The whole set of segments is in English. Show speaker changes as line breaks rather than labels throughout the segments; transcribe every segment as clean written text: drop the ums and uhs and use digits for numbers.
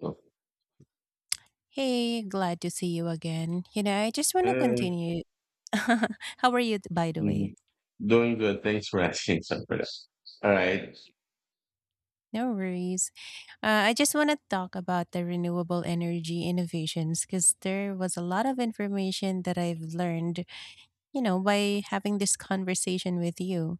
Cool.
Hey, glad to see you again. You know, I just want to
Hey,
continue. How are you, by the way?
mhm. Doing good. Thanks for asking, Sanfredo. All right.
No worries. I just want to talk about the renewable energy innovations because there was a lot of information that I've learned, you know, by having this conversation with you.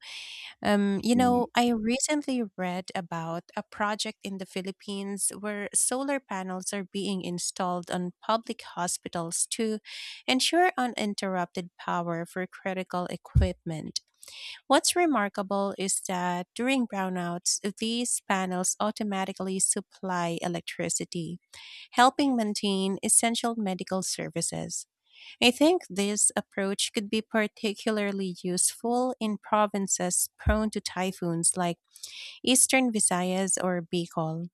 You
Mm,
know, I recently read about a project in the Philippines where solar panels are being installed on public hospitals to ensure uninterrupted power for critical equipment. What's remarkable is that during brownouts, these panels automatically supply electricity, helping maintain essential medical services. I think this approach could be particularly useful in provinces prone to typhoons like Eastern Visayas or Bicol.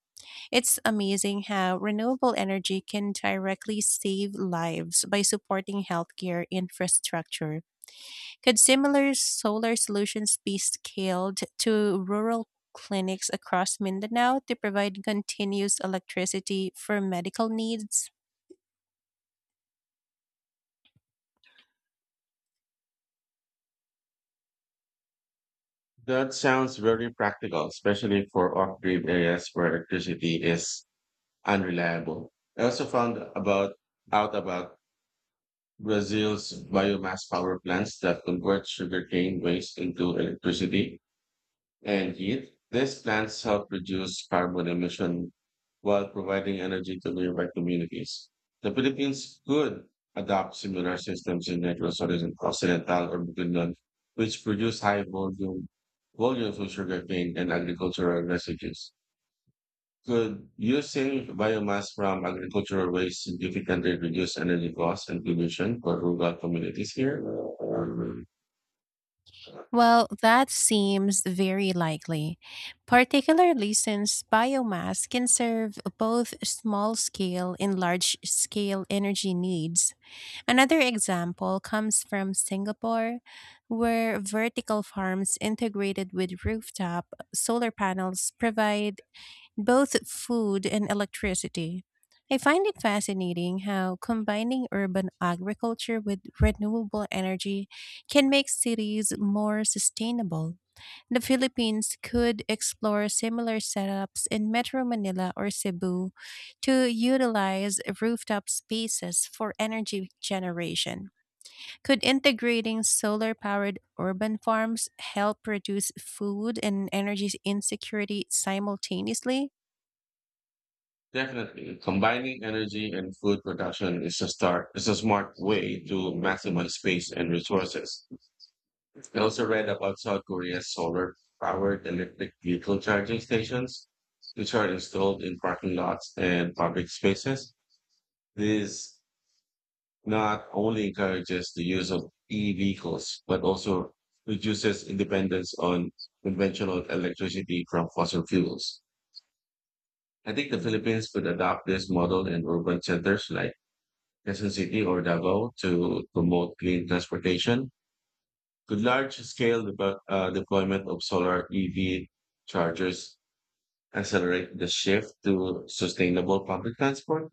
It's amazing how renewable energy can directly save lives by supporting healthcare infrastructure. Could similar solar solutions be scaled to rural clinics across Mindanao to provide continuous electricity for medical needs?
That sounds very practical, especially for off-grid areas where electricity is unreliable. I also found about out about Brazil's biomass power plants that convert sugarcane waste into electricity and heat. These plants help reduce carbon emission while providing energy to nearby communities. The Philippines could adopt similar systems in Negros Occidental or Bukidnon, which produce high volumes of sugarcane and agricultural residues. Could using biomass from agricultural waste significantly reduce energy costs and pollution for rural communities here?
Well, that seems very likely, particularly since biomass can serve both small scale and large scale energy needs. Another example comes from Singapore, where vertical farms integrated with rooftop solar panels provide both food and electricity. I find it fascinating how combining urban agriculture with renewable energy can make cities more sustainable. The Philippines could explore similar setups in Metro Manila or Cebu to utilize rooftop spaces for energy generation. Could integrating solar powered urban farms help reduce food and energy insecurity simultaneously?
Definitely, combining energy and food production is a start. It's a smart way to maximize space and resources. I also read about South Korea's solar-powered electric vehicle charging stations, which are installed in parking lots and public spaces. This not only encourages the use of e-vehicles, but also reduces dependence on conventional electricity from fossil fuels. I think the Philippines could adopt this model in urban centers like Quezon City or Davao to promote clean transportation? Could large-scale deployment of solar EV chargers accelerate the shift to sustainable public transport?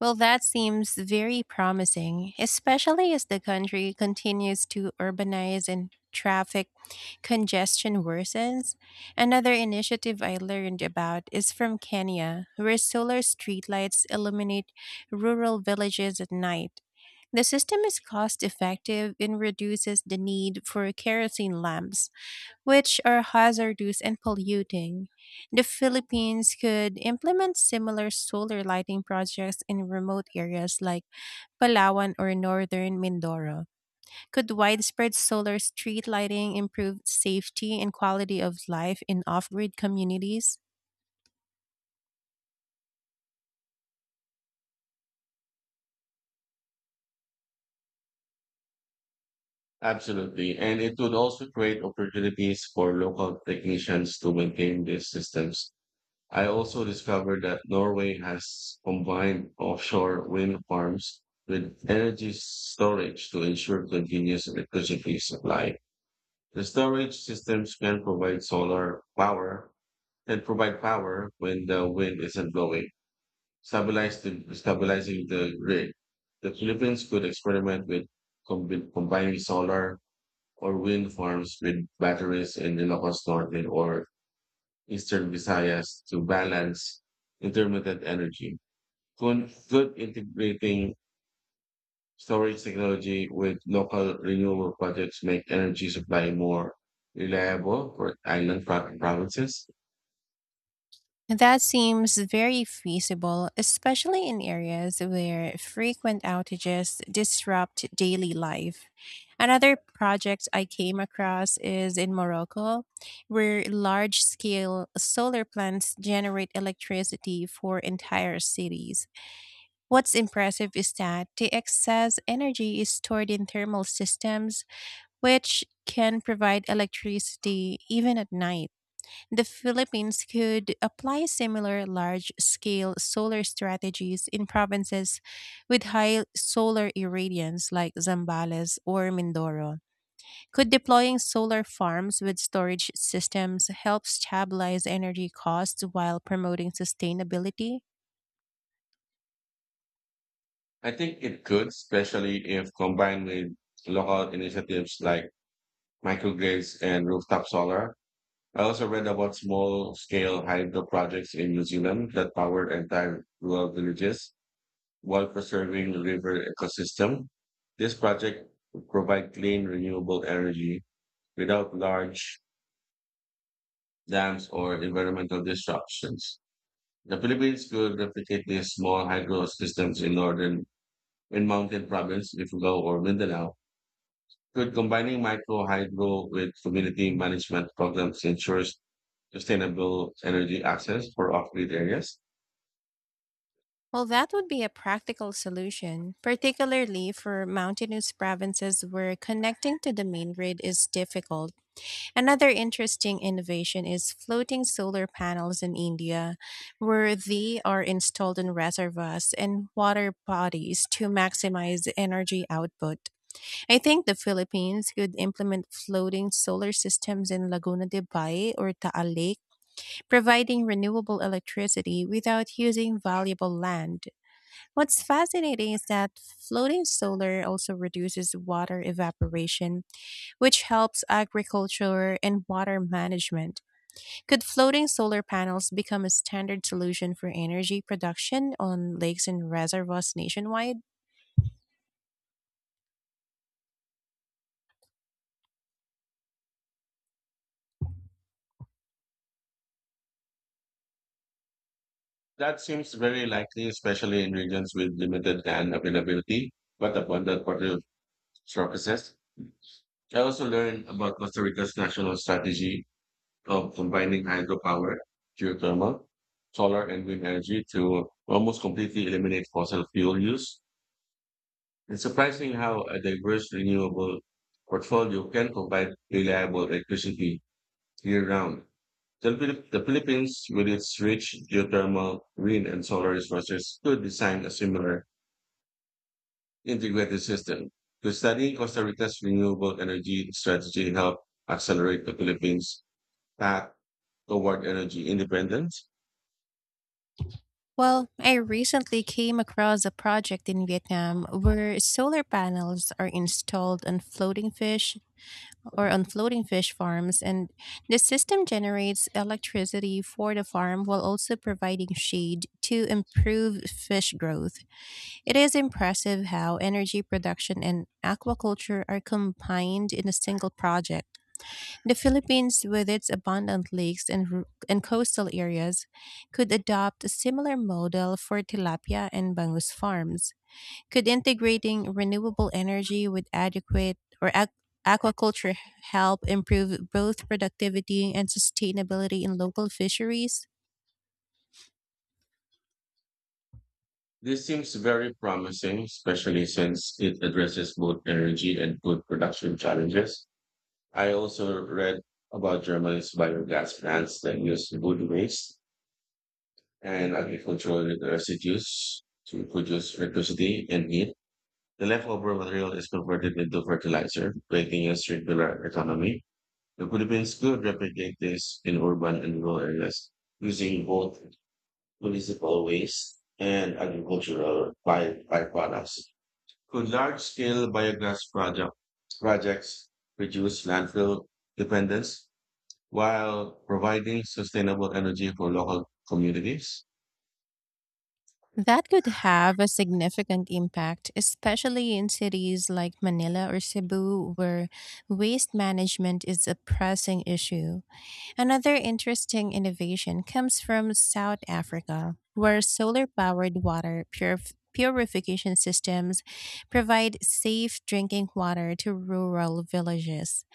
Well, that seems very promising, especially as the country continues to urbanize and traffic congestion worsens. Another initiative I learned about is from Kenya, where solar streetlights illuminate rural villages at night. The system is cost effective and reduces the need for kerosene lamps which are hazardous and polluting. The Philippines could implement similar solar lighting projects in remote areas like Palawan or northern Mindoro. Could widespread solar street lighting improve safety and quality of life in off grid communities?
Absolutely. And it would also create opportunities for local technicians to maintain these systems. I also discovered that Norway has combined offshore wind farms with energy storage to ensure continuous electricity supply. The storage systems can provide solar power and provide power when the wind isn't blowing, stabilizing the grid. The Philippines could experiment with combining solar or wind farms with batteries in Ilocos Norte or Eastern Visayas to balance intermittent energy. Could integrating storage technology with local renewable projects make energy supply more reliable for island provinces?
That seems very feasible, especially in areas where frequent outages disrupt daily life. Another project I came across is in Morocco, where large scale solar plants generate electricity for entire cities. What's impressive is that the excess energy is stored in thermal systems, which can provide electricity even at night. The Philippines could apply similar large scale solar strategies in provinces with high solar irradiance like Zambales or Mindoro. Could deploying solar farms with storage systems help stabilize energy costs while promoting sustainability?
I think it could, especially if combined with local initiatives like microgrids and rooftop solar. I also read about small scale hydro projects in New Zealand that powered entire rural villages while preserving river ecosystem. This project would provide clean, renewable energy without large dams, or environmental disruptions. The Philippines could replicate these small hydro systems in northern in mountain province, Ifugao or Mindanao. Could combining micro hydro with community management programs ensures sustainable energy access for off-grid areas?
Well, that would be a practical solution, particularly for mountainous provinces where connecting to the main grid is difficult. Another interesting innovation is floating solar panels in India, where they are installed in reservoirs and water bodies to maximize energy output. I think the Philippines could implement floating solar systems in Laguna de Bay or Taal Lake, providing renewable electricity without using valuable land. What's fascinating is that floating solar also reduces water evaporation which helps agriculture and water management. Could floating solar panels become a standard solution for energy production on lakes and reservoirs nationwide?
That seems very likely, especially in regions with limited land availability, but abundant water surfaces. I also learned about Costa Rica's national strategy of combining hydropower, geothermal, solar, and wind energy to almost completely eliminate fossil fuel use. It's surprising how a diverse renewable portfolio can provide reliable electricity year round. The Philippines, with its rich geothermal, wind, and solar resources, could design a similar integrated system. To study Costa Rica's renewable energy strategy help accelerate the Philippines' path toward energy independence.
Well, I recently came across a project in Vietnam where solar panels are installed on floating fish or on floating fish farms, and the system generates electricity for the farm while also providing shade to improve fish growth. It is impressive how energy production and aquaculture are combined in a single project. The Philippines, with its abundant lakes and and coastal areas, could adopt a similar model for tilapia and bangus farms. Could integrating renewable energy with aquaculture help improve both productivity and sustainability in local fisheries?
This seems very promising, especially since it addresses both energy and food production challenges. I also read about Germany's biogas plants that use wood waste and agricultural residues to produce electricity and heat. The leftover material is converted into fertilizer, creating a circular economy. The Philippines could replicate this in urban and rural areas using both municipal waste and agricultural byproducts. Could large scale projects reduce landfill dependence while providing sustainable energy for local communities?
That could have a significant impact, especially in cities like Manila or Cebu, where waste management is a pressing issue. Another interesting innovation comes from South Africa, where solar powered purification systems provide safe drinking water to rural villages.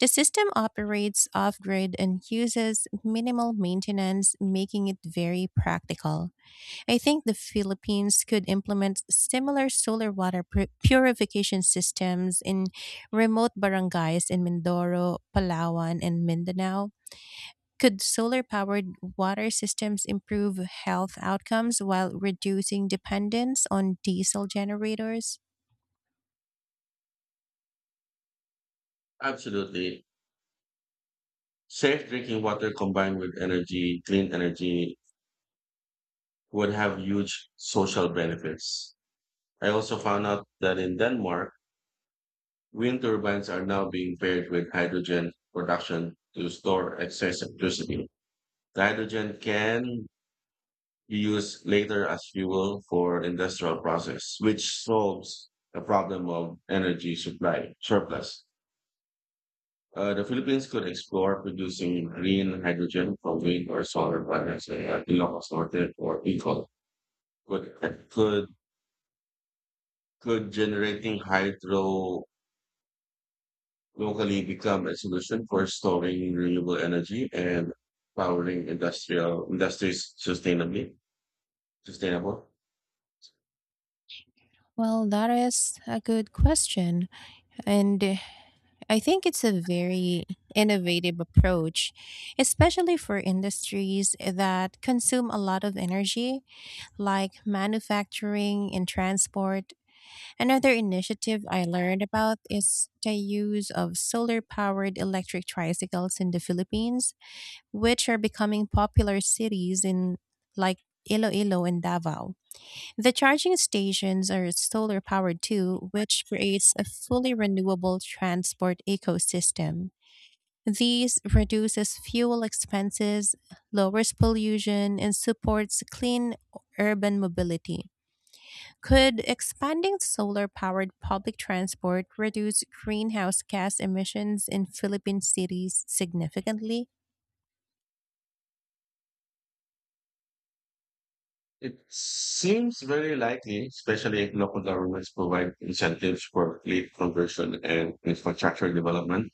The system operates off grid and uses minimal maintenance, making it very practical. I think the Philippines could implement similar solar purification systems in remote barangays in Mindoro, Palawan, and Mindanao. Could solar powered water systems improve health outcomes while reducing dependence on diesel generators?
Absolutely. Safe drinking water combined with energy, clean energy, would have huge social benefits. I also found out that in Denmark, wind turbines are now being paired with hydrogen production to store excess electricity. The hydrogen can be used later as fuel for industrial process, which solves the problem of energy supply surplus. The Philippines could explore producing green hydrogen from wind or solar panels at Ilocos Norte or Bicol. Could, could, could generating hydro locally become a solution for storing renewable energy and powering industrial industries sustainably sustainable?
Well, that is a good question. And I think it's a very innovative approach, especially for industries that consume a lot of energy like manufacturing and transport. Another initiative I learned about is the use of solar powered electric tricycles in the Philippines, which are becoming popular cities in like Iloilo and Davao. The charging stations are solar powered too, which creates a fully renewable transport ecosystem. These reduces fuel expenses, lowers pollution, and supports clean urban mobility. Could expanding solar powered public transport reduce greenhouse gas emissions in Philippine cities significantly?
It seems very likely, especially if local governments provide incentives for fleet conversion and infrastructure development.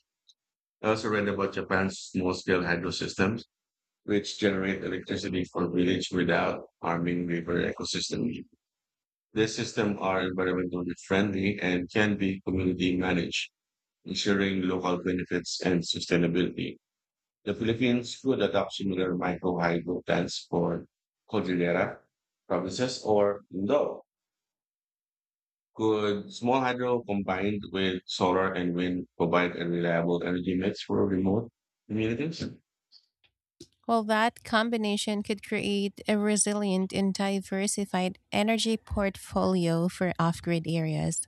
I also read about Japan's small scale hydro systems, which generate electricity for village without harming river ecosystems. These systems are environmentally friendly and can be community managed, ensuring local benefits and sustainability. The Philippines could adopt similar micro hydro plans for Cordillera provinces or Indo. Could small hydro combined with solar and wind provide a reliable energy mix for remote communities?
Well, that combination could create a resilient and diversified energy portfolio for off grid areas.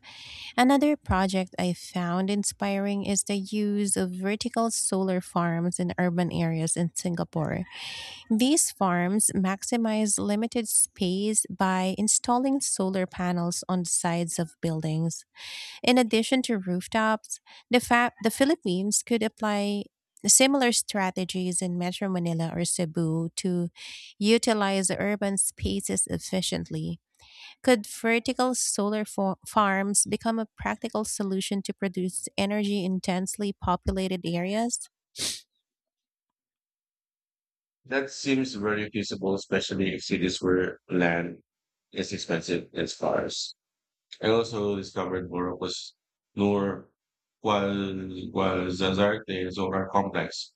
Another project I found inspiring is the use of vertical solar farms in urban areas in Singapore. These farms maximize limited space by installing solar panels on the sides of buildings. In addition to rooftops, the Philippines could apply similar strategies in Metro Manila or Cebu to utilize urban spaces efficiently. Could vertical solar farms become a practical solution to produce energy intensely populated areas?
That seems very feasible, especially if cities where land is expensive and scarce. I also discovered Morocco's Noor Guazazarte solar complex,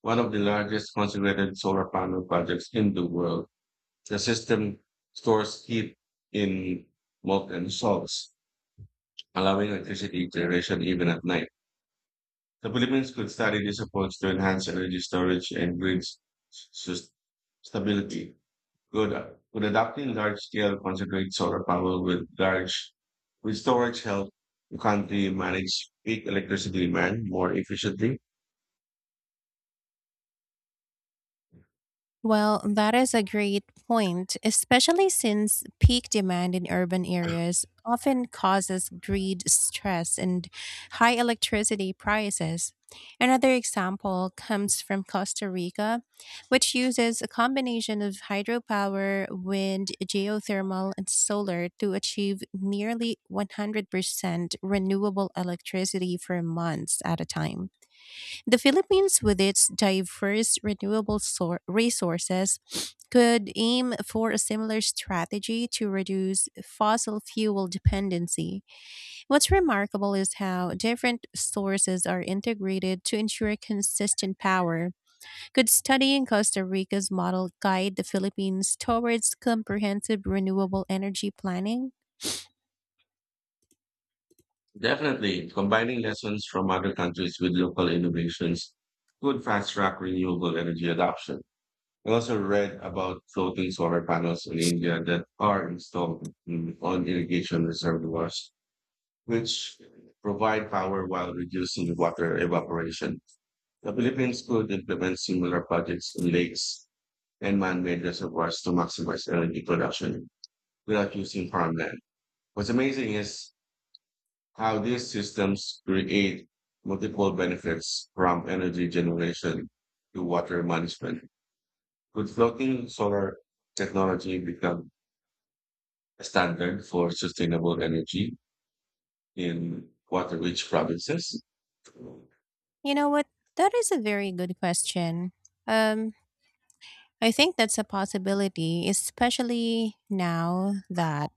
one of the largest concentrated solar panel projects in the world. The system stores heat in molten salts, allowing electricity generation even at night. The Philippines could study this approach to enhance energy storage and s- stability. Good. Could adopting large scale concentrated solar power with large with storage help the country manage peak electricity demand more efficiently?
Well, that is a great point, especially since peak demand in urban areas often causes grid stress and high electricity prices. Another example comes from Costa Rica, which uses a combination of hydropower, wind, geothermal, and solar to achieve nearly 100% renewable electricity for months at a time. The Philippines, with its diverse renewable resources, could aim for a similar strategy to reduce fossil fuel dependency. What's remarkable is how different sources are integrated to ensure consistent power. Could studying Costa Rica's model guide the Philippines towards comprehensive renewable energy planning?
Definitely. Combining lessons from other countries with local innovations could fast track renewable energy adoption. I also read about floating solar panels in India that are installed on irrigation reservoirs, which provide power while reducing water evaporation. The Philippines could implement similar projects in lakes and man-made reservoirs to maximize energy production without using farmland. What's amazing is how these systems create multiple benefits from energy generation to water management. Could floating solar technology become a standard for sustainable energy in water-rich provinces?
You know what? That is a very good question. Um, I think that's a possibility, especially now that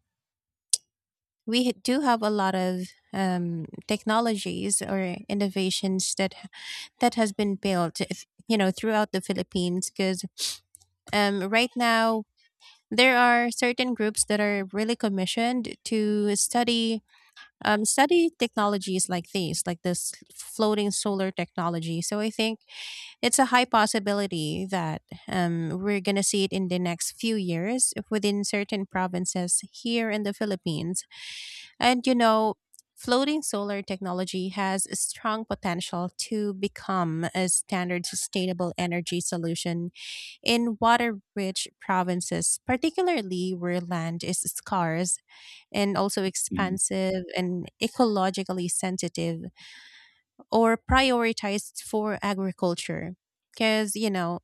we do have a lot of technologies or innovations that that has been built, you know, throughout the Philippines. Because right now there are certain groups that are really commissioned to study study technologies like these, like this floating solar technology. So I think it's a high possibility that we're going to see it in the next few years within certain provinces here in the Philippines. And you know, floating solar technology has a strong potential to become a standard sustainable energy solution in water rich provinces, particularly where land is scarce and also
Mhm,
expansive and ecologically sensitive or prioritized for agriculture. Because, you know,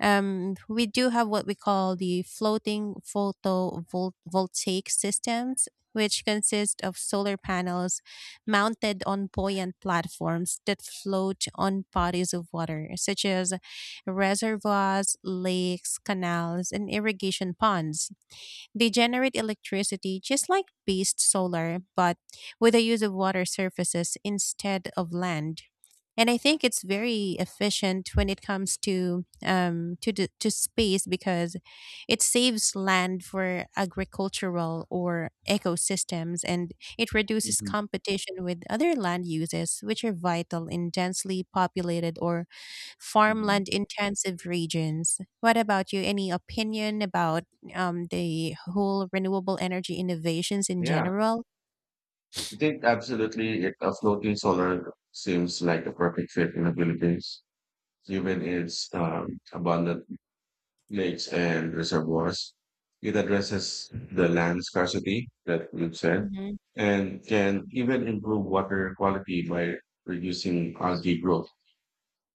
we do have what we call the floating photovoltaic systems, which consist of solar panels mounted on buoyant platforms that float on bodies of water, such as reservoirs, lakes, canals, and irrigation ponds. They generate electricity just like based solar, but with the use of water surfaces instead of land, and I think it's very efficient when it comes to space because it saves land for agricultural or ecosystems, and it reduces
mhm,
competition with other land uses which are vital in densely populated or
mhm.
farmland intensive regions. What about you? Any opinion about the whole renewable energy innovations in
Yeah,
general?
I think absolutely a floating solar seems like a perfect fit in the Philippines, given
Mm-hmm.
its abundant lakes and reservoirs. It addresses the land scarcity that you said
Mm-hmm.
and can even improve water quality by reducing algae growth.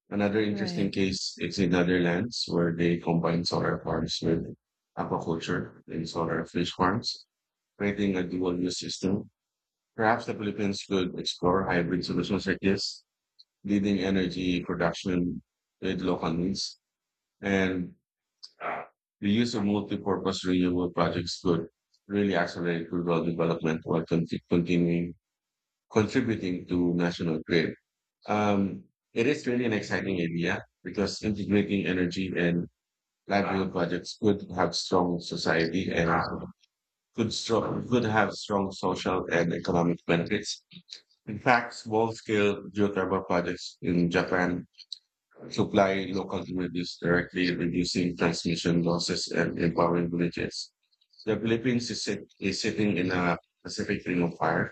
Another
Right.
interesting case is in Netherlands where they combine solar farms with aquaculture and solar fish farms, creating a dual use system. Perhaps the Philippines could explore hybrid solutions like this, leading energy production with local needs. And uh, the use of multi-purpose renewable projects could really accelerate rural development while conti- continuing contributing to national grid. Um, it is really an exciting idea because integrating energy and livelihood projects could have strong society and could strong, could have strong social and economic benefits. In fact, small-scale geothermal projects in Japan supply local communities directly, reducing transmission losses and empowering villages. The Philippines is sitting in a Pacific Ring of Fire,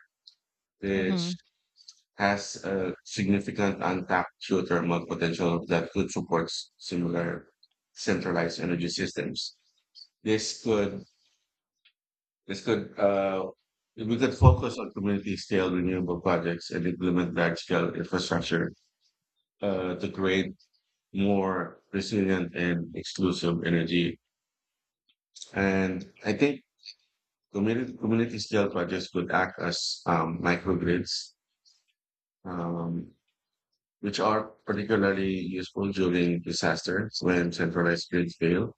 Mm-hmm.
which has a significant untapped geothermal potential that could support similar centralized energy systems. This could this could We could focus on community-scale renewable projects and implement large-scale infrastructure to create more resilient and exclusive energy. And I think community scale projects could act as microgrids, um, which are particularly useful during disaster when centralized grids fail.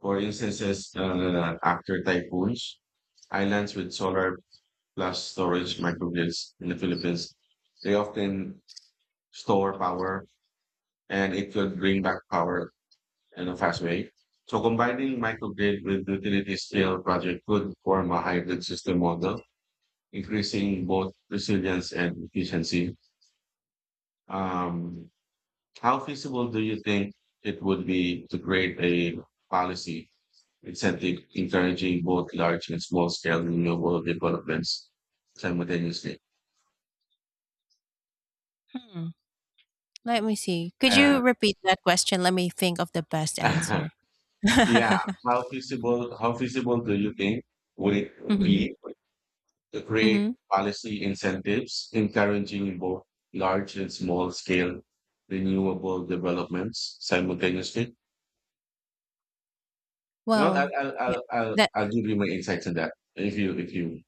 For instances, after typhoons, islands with solar plus storage microgrids in the Philippines, they often store power and it could bring back power and a fast way. So combining microgrid with utility scale project could form a hybrid system model, increasing both resilience and efficiency. Um, how feasible do you think it would be to create a policy incentive encouraging both large and small scale renewable developments simultaneously?
Let me see. Could
Uh,
you repeat that question? Let me think of the best answer.
yeah, how feasible? How feasible do you think would it
hmm
be to
hmm
create policy incentives encouraging both large and small scale renewable developments simultaneously? You know,
Well,
I'll, I'll,
yeah.
I'll, I'll
That
I'll give you my insights on that if you,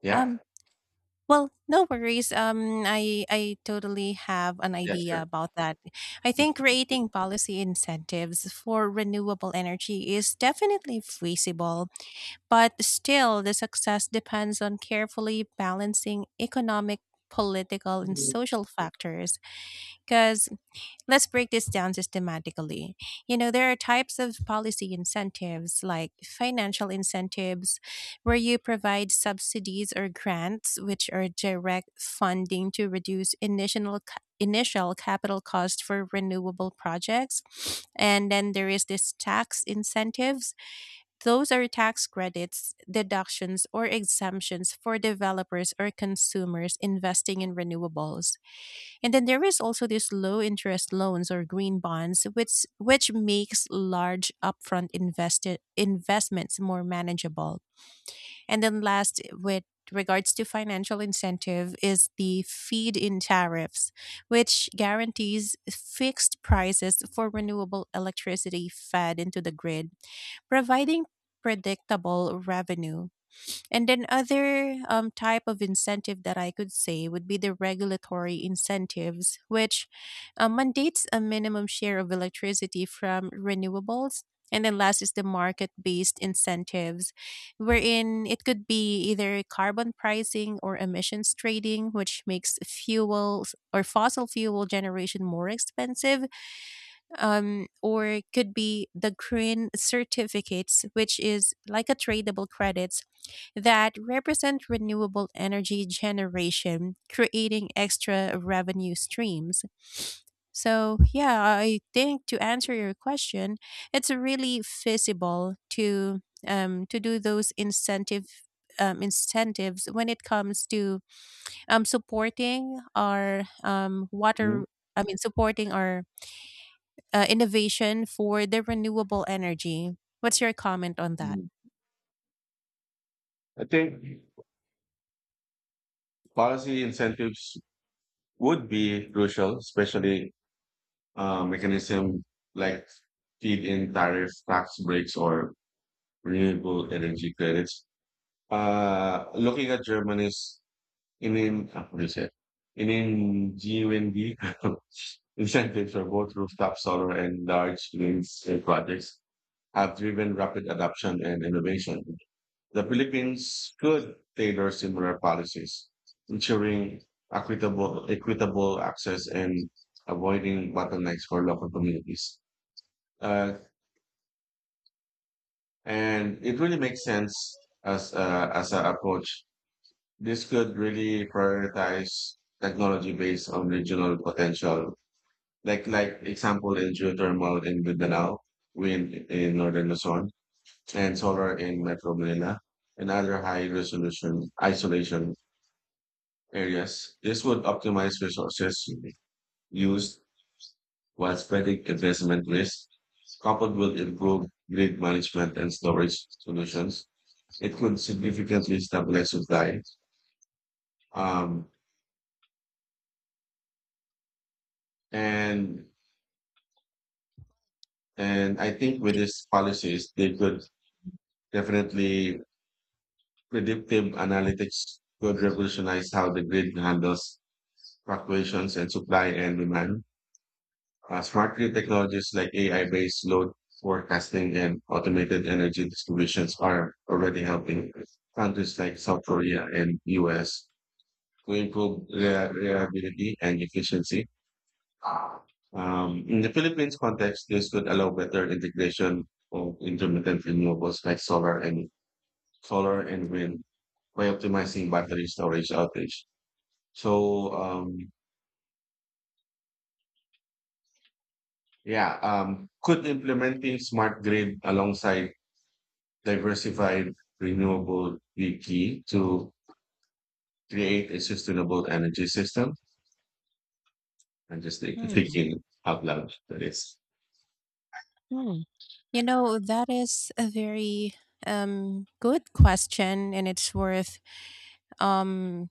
yeah,
um. Well, no worries. I totally have an
yeah,
idea
sure.
about that. I think
Mhm.
creating policy incentives for renewable energy is definitely feasible, but still, the success depends on carefully balancing economic, political, and social factors. Because Let's break this down systematically. You know, there are types of policy incentives like financial incentives, where you provide subsidies or grants, which are direct funding to reduce initial capital cost for renewable projects. And then there is this tax incentives. Those are tax credits, deductions, or exemptions for developers or consumers investing in renewables. And then there is also these low interest loans or green bonds, which makes large upfront invested investments more manageable. And then last, with regards to financial incentive, is the feed in tariffs, which guarantees fixed prices for renewable electricity fed into the grid, providing predictable revenue. And then other type of incentive that I could say would be the regulatory incentives, which mandates a minimum share of electricity from renewables. And then last is the market based incentives, wherein it could be either carbon pricing or emissions trading, which makes fuels or fossil fuel generation more expensive, or it could be the green certificates, which is like a tradable credit that represent renewable energy generation, creating extra revenue streams. So, yeah, I think to answer your question, it's really feasible to do those incentives when it comes to supporting our water. I mean, supporting our innovation for the renewable energy. What's your comment on that?
Mhm. I think policy incentives would be crucial, especially mechanism like feed-in tariff tax breaks or renewable energy credits. Looking at Germany's I mean, what is it? I mean, GUND incentives for both rooftop solar and large green scale projects have driven rapid adoption and innovation. The Philippines could tailor similar policies, ensuring equitable access and avoiding bottlenecks for local communities. Uh, and it really makes sense as an approach. This could really prioritize technology based on regional potential like example in geothermal in Mindanao, wind in northern Luzon, and solar in Metro Manila, and other high resolution isolation areas. This would optimize resources used while spreading investment risk, coupled with improved grid management and storage solutions. It could significantly stabilize supply. Um, and and I think with
You
these policies, they could definitely. Predictive analytics could revolutionize how the grid handles fluctuations in supply and demand. Smart grid technologies like AI-based load forecasting and automated energy distributions are already helping countries like South Korea and US to improve reliability and efficiency. In the Philippines context, this could allow better integration of intermittent renewables like solar and wind by optimizing battery storage outage. So, um, yeah, could implementing smart grid alongside diversified renewable be key to create a sustainable energy system? I'm just
know,
thinking out loud. That is,
hmm. You know, that is a very good question and it's worth um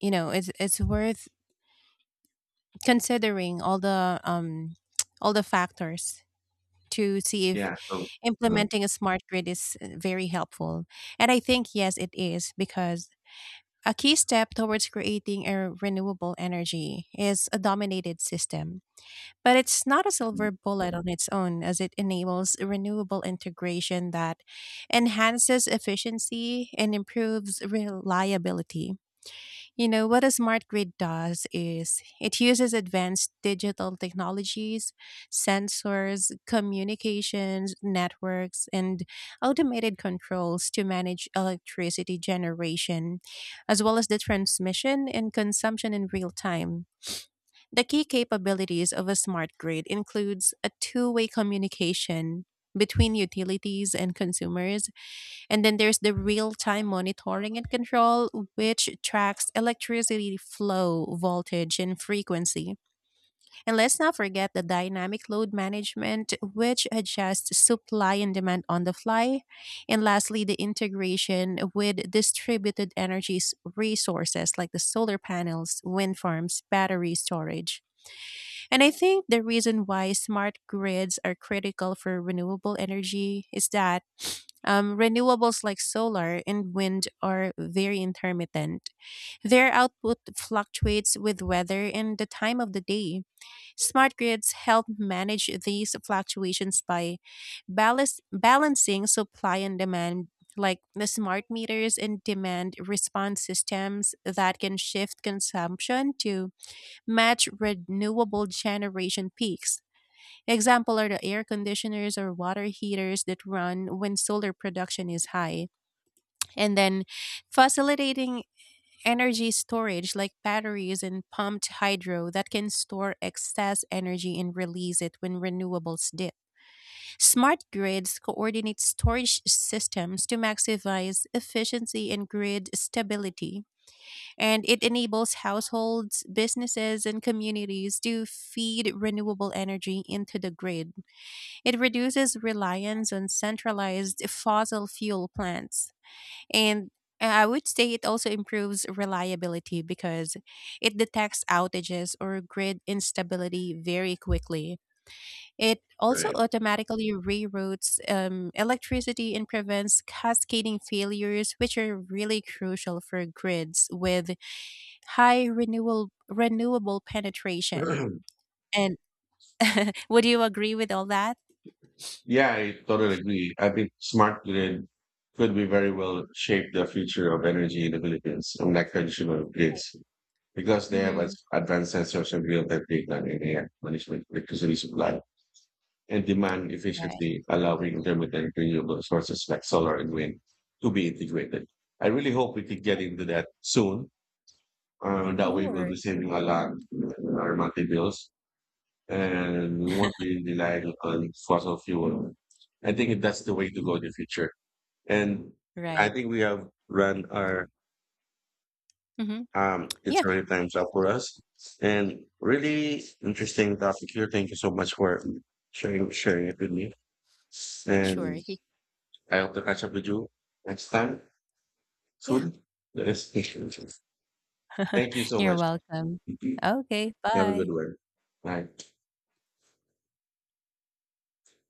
you know, it's worth considering all the all the factors to see if
yeah. So, um,
implementing a smart grid is very helpful. And I think yes it is, because a key step towards creating a renewable energy is a dominated system. But it's not a silver bullet on its own, as it enables renewable integration that enhances efficiency and improves reliability. You know, what a smart grid does is it uses advanced digital technologies, sensors, communications, networks, and automated controls to manage electricity generation, as well as the transmission and consumption in real time. The key capabilities of a smart grid includes a two-way communication between utilities and consumers, and then there's the real-time monitoring and control which tracks electricity flow, voltage and frequency. And let's not forget the dynamic load management which adjusts supply and demand on the fly. And lastly, the integration with distributed resources like the solar panels, wind farms, battery storage. And I think the reason why smart grids are critical for renewable energy is that renewables like solar and wind are very intermittent. Their output fluctuates with weather and the time of the day. Smart grids help manage these fluctuations by balancing supply and demand. Like the smart meters and demand response systems that can shift consumption to match renewable generation peaks. Example are the air conditioners or water heaters that run when solar production is high. And then facilitating energy storage like batteries and pumped hydro that can store excess energy and release it when renewables dip. Smart grids coordinate storage systems to maximize efficiency and grid stability, and it enables households, businesses, and communities to feed renewable energy into the grid. It reduces reliance on centralized fossil fuel plants. And I would say it also improves reliability because it detects outages or grid instability very quickly. It also
right.
automatically reroutes electricity and prevents cascading failures, which are really crucial for grids with high renewal renewable penetration. And would you agree with all that?
Yeah, I totally agree. I think smart grid could be very well shape the future of energy in the Philippines, unlike traditional
Right.
grids, because they have as
Mm-hmm.
advanced sensors and real-time data and AI management electricity supply and demand
Right.
efficiency, allowing intermittent renewable sources like solar and wind to be integrated. I really hope we could get into that soon. That way we'll
Sure.
be saving a lot in our monthly bills and we won't be relying on fossil fuel. I think that's the way to
Mm.
go in the future. And I
Right.
think we have run our
Mm-hmm.
It's
Yeah.
already time's up for us. And really interesting topic here. Thank you so much for sharing it with me.
Sure.
And
He-
I hope to catch up with you next time
Yeah.
soon. Yes. Thank you so
You're
much.
welcome. Okay.
Have a good
Bye.
one. Bye.